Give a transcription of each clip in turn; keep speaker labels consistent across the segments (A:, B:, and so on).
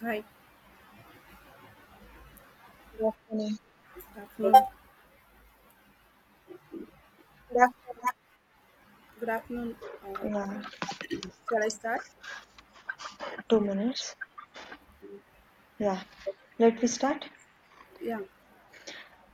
A: Hi,
B: Good afternoon.
A: good afternoon.
B: Good
A: Good afternoon. Uh,
B: afternoon. Yeah,
A: shall I start?
B: 2 minutes. Yeah, let me start.
A: Yeah.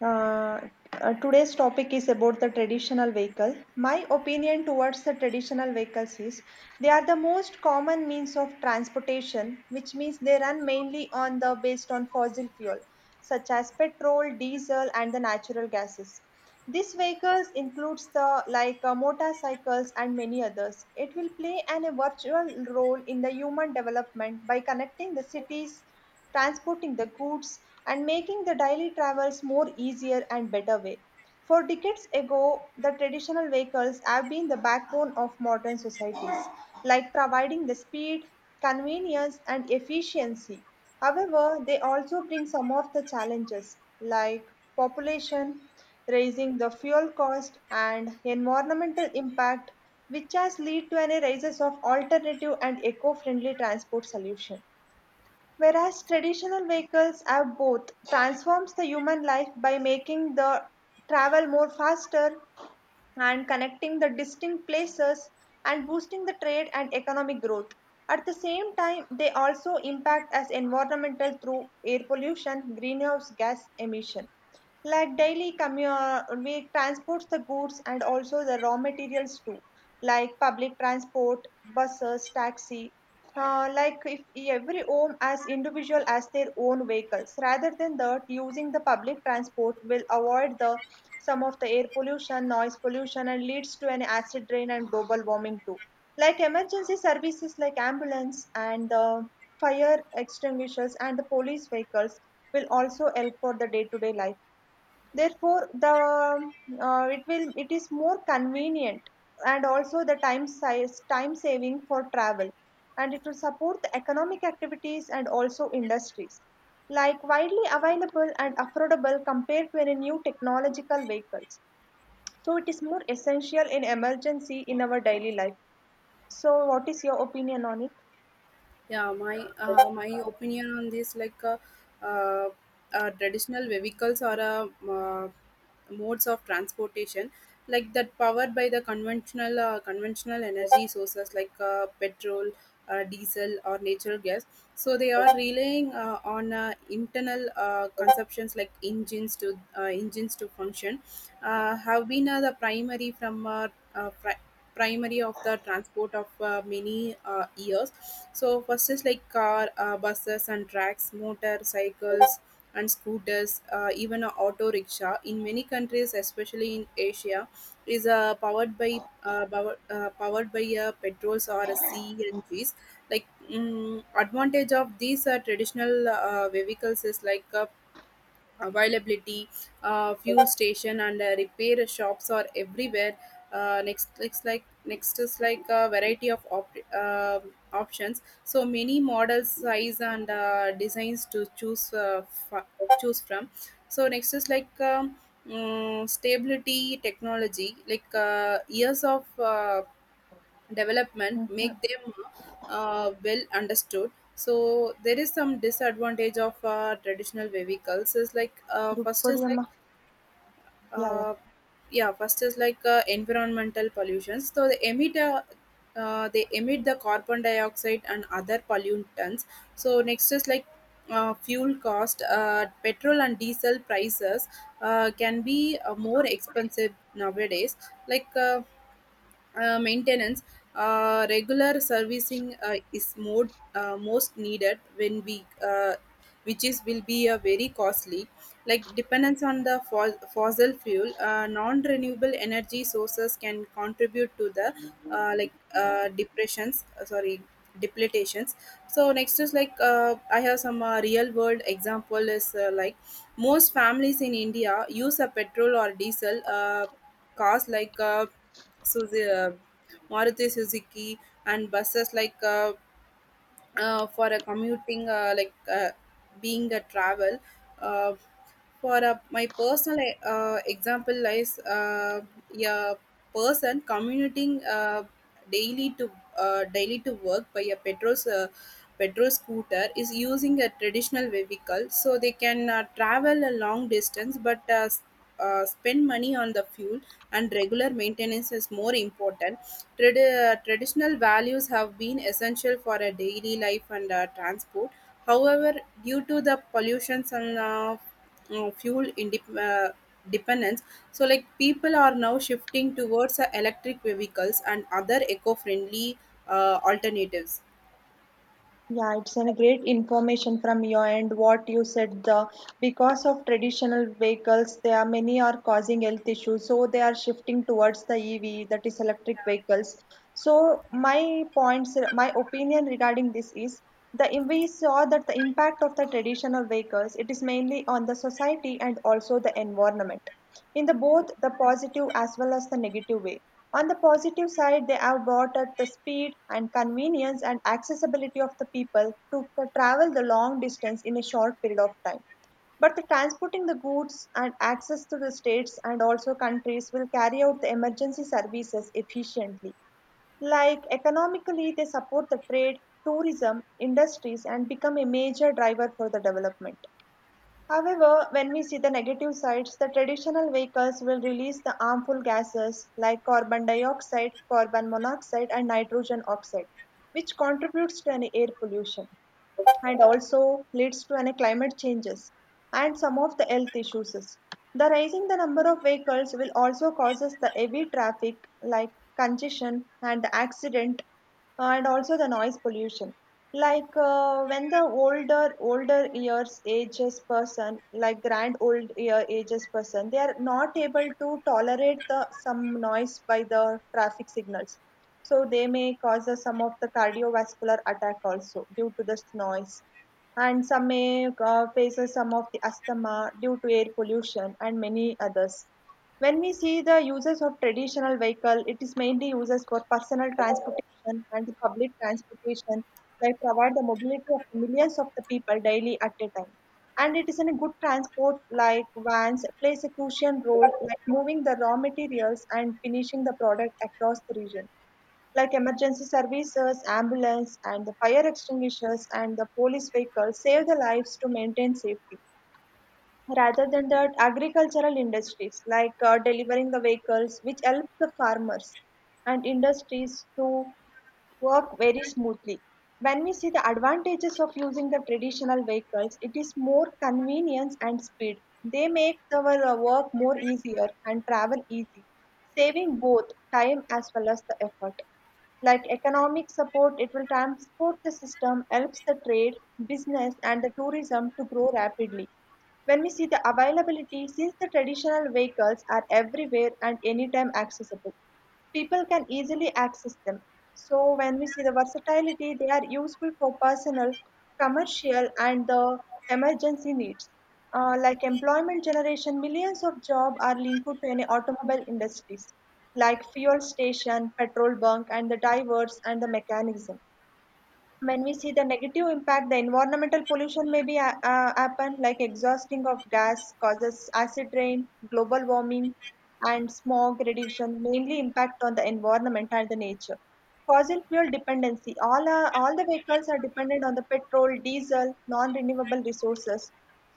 B: Uh, today's topic is about the traditional vehicle. My opinion towards the traditional vehicles is they are the most common means of transportation, which means they run mainly on the based on fossil fuel such as petrol, diesel, and the natural gases. These vehicles includes the like motorcycles and many others. It will play an a virtual role in the human development by connecting the cities transporting the goods, and making the daily travels more easier and better way. For decades ago, the traditional vehicles have been the backbone of modern societies, like providing the speed, convenience, and efficiency. However, they also bring some of the challenges like population, raising the fuel cost, and environmental impact, which has led to an rise of alternative and eco-friendly transport solution. Whereas traditional vehicles have both, transforms the human life by making the travel more faster and connecting the distinct places and boosting the trade and economic growth. At the same time, they also impact as environmental through air pollution, greenhouse gas emission. Like we transports the goods and also the raw materials too, like public transport, buses, taxi. Like if every home as individual as their own vehicles, rather than that, using the public transport will avoid the some of the air pollution, noise pollution, and leads to an acid rain and global warming too. Like emergency services like ambulance and the fire extinguishers and the police vehicles will also help for the day-to-day life therefore the it is more convenient and also the time saving for travel and it will support the economic activities and also industries like widely available and affordable compared to any new technological vehicles so it is more essential in emergency in our daily life so what is your opinion on it.
A: Yeah my my opinion on this like uh, traditional vehicles are a uh, modes of transportation like that powered by the conventional conventional energy sources like petrol, diesel, or natural gas. So they are relying on internal consumptions like engines to function. Have been the primary uh, pri- primary of the transport of many years. So first is like car, buses, and tracks, motorcycles, and scooters, even a auto rickshaw in many countries, especially in Asia, is powered by petrols or cngs. Advantage of these traditional vehicles is availability, fuel station, and repair shops are everywhere. Next is like a variety of options. So many models, size, and designs to f- choose from. So next is stability technology, like years of development make
B: Mhm.
A: them well understood. So there is some disadvantage of traditional vehicles is like first
B: Drukkodi.
A: is like
B: Yeah, yeah.
A: uh, yeah first is like environmental pollution. So they emit the carbon dioxide and other pollutants. So next is like fuel cost. Petrol and diesel prices can be more expensive nowadays. like uh, Maintenance, regular servicing is more, most needed when we, which is will be a very costly. Like dependence on the fossil fuel, non-renewable energy sources can contribute to the depressions. Sorry, depletations. So next is like I have some real world example is like most families in India use a petrol or diesel cars like. Suzuki, Maruti Suzuki, and buses like for a commuting, being a travel. Uh, for a, my personal example is a person commuting daily to daily to work by a petrol petrol scooter is using a traditional vehicle. So they can travel a long distance but spend money on the fuel, and regular maintenance is more important. Traditional values have been essential for a daily life and transport. However, due to the pollutions and uh, fuel indep- uh, dependence, so like people are now shifting towards electric vehicles and other eco-friendly alternatives.
B: Yeah, it's a great information from your end what you said the because of traditional vehicles there are many are causing health issues so they are shifting towards the EV, that is electric vehicles. So my opinion regarding this is the we saw that the impact of the traditional vehicles it is mainly on the society and also the environment in the both the positive as well as the negative way on the positive side, they have brought out the speed and convenience and accessibility of the people to travel the long distance in a short period of time. But the transporting the goods and access to the states and also countries will carry out the emergency services efficiently. Like economically, they support the trade, tourism, industries, and become a major driver for the development. However, when we see the negative sides, the traditional vehicles will release the harmful gases like carbon dioxide, carbon monoxide, and nitrogen oxide, which contributes to an air pollution and also leads to an climate changes and some of the health issues. The rising the number of vehicles will also causes the heavy traffic like congestion and accident and also the noise pollution. Like when the older years ages person like grand old year ages person they are not able to tolerate the some noise by the traffic signals so they may cause us some of the cardiovascular attack also due to this noise. And some may faces some of the asthma due to air pollution and many others. When we see the uses of traditional vehicle, it is mainly uses for personal transportation and the public transportation that provide the mobility of millions of the people daily at a time. And it is in a good transport like vans plays a crucial role like moving the raw materials and finishing the product across the region like emergency services, ambulance, and the fire extinguishers and the police vehicles save the lives to maintain safety. Rather than that, agricultural industries like delivering the vehicles, which help the farmers and industries to work very smoothly. When we see the advantages of using the traditional vehicles, it is more convenience and speed. They make our work more easier and travel easy, saving both time as well as the effort. Like economic support, it will transport the system, helps the trade, business, and the tourism to grow rapidly. When we see the availability, since the traditional vehicles are everywhere and anytime accessible, people can easily access them. So when we see the versatility, they are useful for personal, commercial, and the emergency needs. Like employment generation, millions of jobs are linked to any automobile industries, like fuel station, petrol bunk, and the divers and the mechanism when we see the negative impact the environmental pollution may be happen like exhausting of gas causes acid rain global warming and smog reduction mainly impact on the environment and the nature. Fossil fuel dependency. All the vehicles are dependent on the petrol, diesel, non-renewable resources.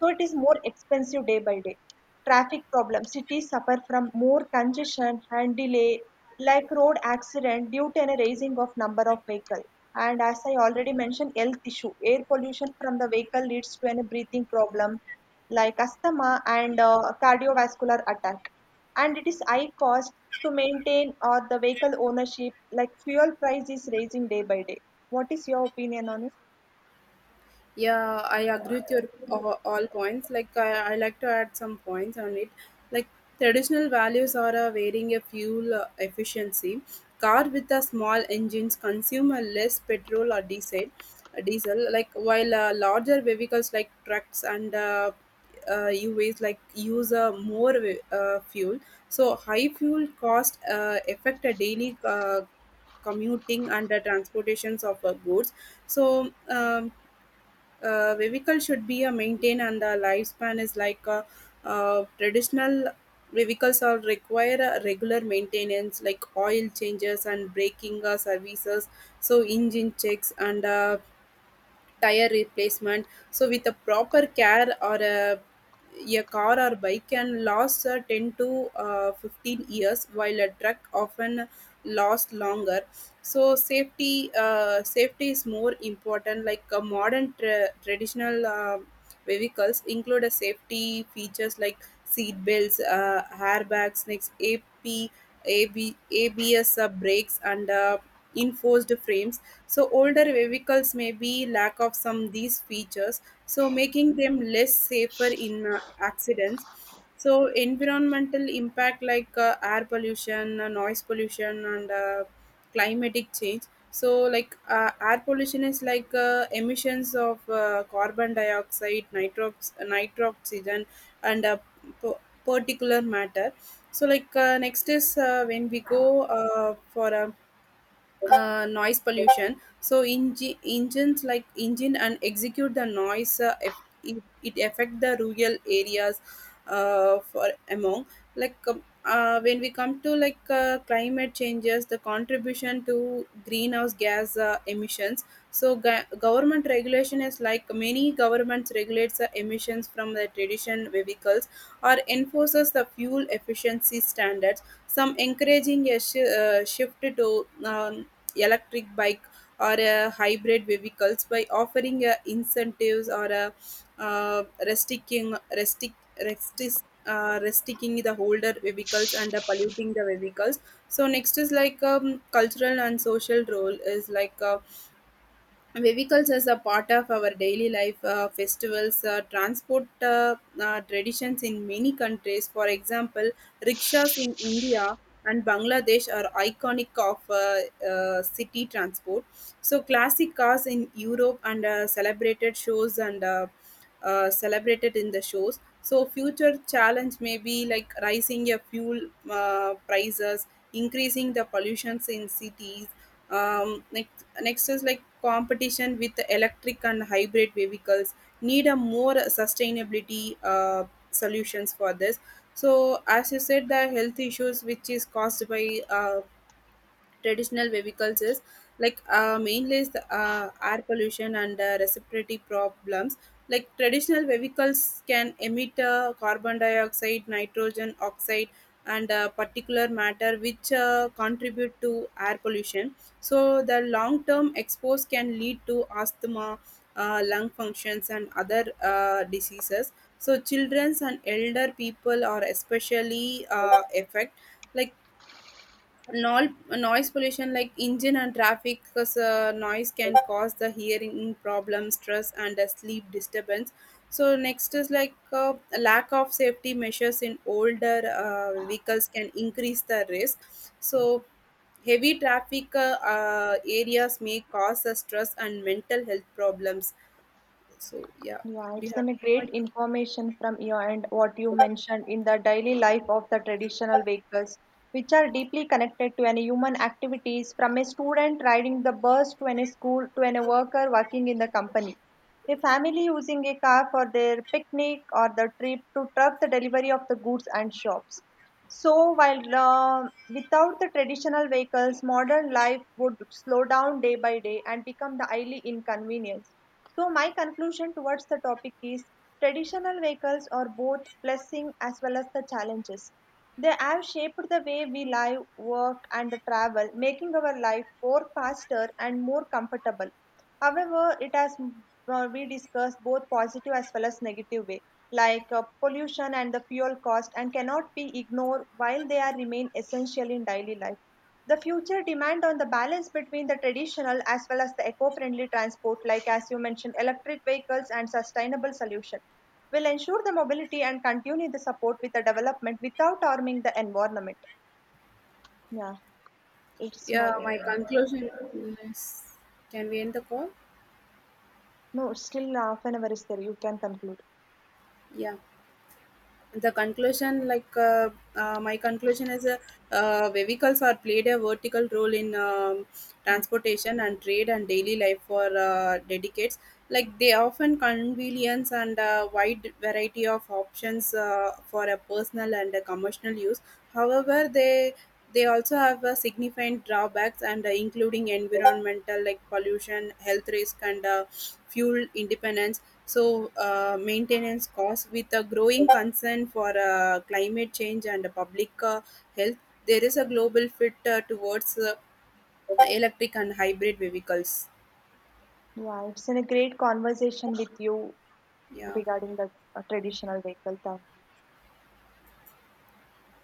B: So it is more expensive day by day. Traffic problems. Cities suffer from more congestion and delay, like road accident due to a raising of number of vehicles. And as I already mentioned, health issue. Air pollution from the vehicle leads to a breathing problem, like asthma and cardiovascular attack and it is high cost to maintain or the vehicle ownership like fuel price is raising day by day what is your opinion on it.
A: Yeah, I agree with your all points. Like I like to add some points on it. Like traditional values are varying a fuel efficiency. Car with a small engines consume a less petrol or diesel, diesel. Like while larger vehicles like trucks and UAs like use more fuel. So high fuel cost affect a daily commuting and the transportations of goods. so um, Vehicle should be maintained and the lifespan is like traditional vehicles are require a regular maintenance like oil changes and braking services, so engine checks and tire replacement. So with a proper a car or bike can last 10 to 15 years, while a truck often lasts longer. So safety is more important. Like traditional vehicles include a safety features like seat belts, airbags, next ap AB, abs brakes, and enforced frames. So older vehicles may be lack of some these features, so making them less safer in accidents. So environmental impact like air pollution, noise pollution, and climatic change. So like air pollution is like emissions of carbon dioxide, nitrox, nitroxygen, and po- particular matter. So like next is when we go for a noise pollution. So engines like engine and execute the noise. If it affect the rural areas for among like when we come to like climate changes, the contribution to greenhouse gas emissions. So government regulation is like many governments regulates the emissions from the tradition vehicles or enforces the fuel efficiency standards, some encouraging a shift to electric bike or a hybrid vehicles by offering incentives or a restricting restrict restrict restricting the older vehicles and polluting the vehicles. So next is like cultural and social role is like vehicles as a part of our daily life, festivals, transport traditions in many countries. For example, rickshaws in India and Bangladesh are iconic of city transport. So classic cars in Europe and celebrated in the shows. So future challenge may be like rising your fuel prices, increasing the pollutions in cities. Next is like competition with the electric and hybrid vehicles. Need a more sustainability solutions for this. So as you said, the health issues which is caused by traditional vehicles is like mainly is the, air pollution and respiratory problems. Like traditional vehicles can emit carbon dioxide, nitrogen oxide, and particular matter which contribute to air pollution. So the long term expose can lead to asthma, lung functions, and other diseases. So children and elder people are especially affected. Like noise pollution like engine and traffic cause, noise can cause the hearing problem, stress, and sleep disturbance. So next is like lack of safety measures in older vehicles can increase the risk. So heavy traffic areas may cause stress and mental health problems. So yeah,
B: Yeah,
A: do you
B: it's
A: have
B: an a
A: any
B: great
A: point?
B: information from your end what you mentioned in the daily life of the traditional vehicles which are deeply connected to any human activities from a student riding the bus to any school to any worker working in the company a family using a car for their picnic or the trip to truck the delivery of the goods and shops. So, while without the traditional vehicles, modern life would slow down day by day and become the highly inconvenience. So, my conclusion towards the topic is traditional vehicles are both blessing as well as the challenges. They have shaped the way we live, work, and travel, making our life more faster and more comfortable. However, it has we discussed both positive as well as negative way, like pollution and the fuel cost, and cannot be ignored while they are remain essential in daily life. The future demand on the balance between the traditional as well as the eco-friendly transport, like as you mentioned, electric vehicles and sustainable solution, will ensure the mobility and continue the support with the development without harming the environment. Yeah, it's my
A: Yeah, my
B: opinion.
A: conclusion is, can we end the call?
B: No, still half an hour is there. You can conclude.
A: Yeah, the conclusion like my conclusion is vehicles are played a vertical role in transportation and trade and daily life for dedicates. Like they often convenience and a wide variety of options for a personal and a commercial use. However, they also have significant drawbacks and including environmental like pollution, health risk, and fuel independence. So, maintenance costs with a growing concern for climate change and public health, there is a global fit towards electric and hybrid vehicles.
B: Yeah, it's been a great conversation with you
A: Yeah.
B: regarding the traditional vehicle. Thank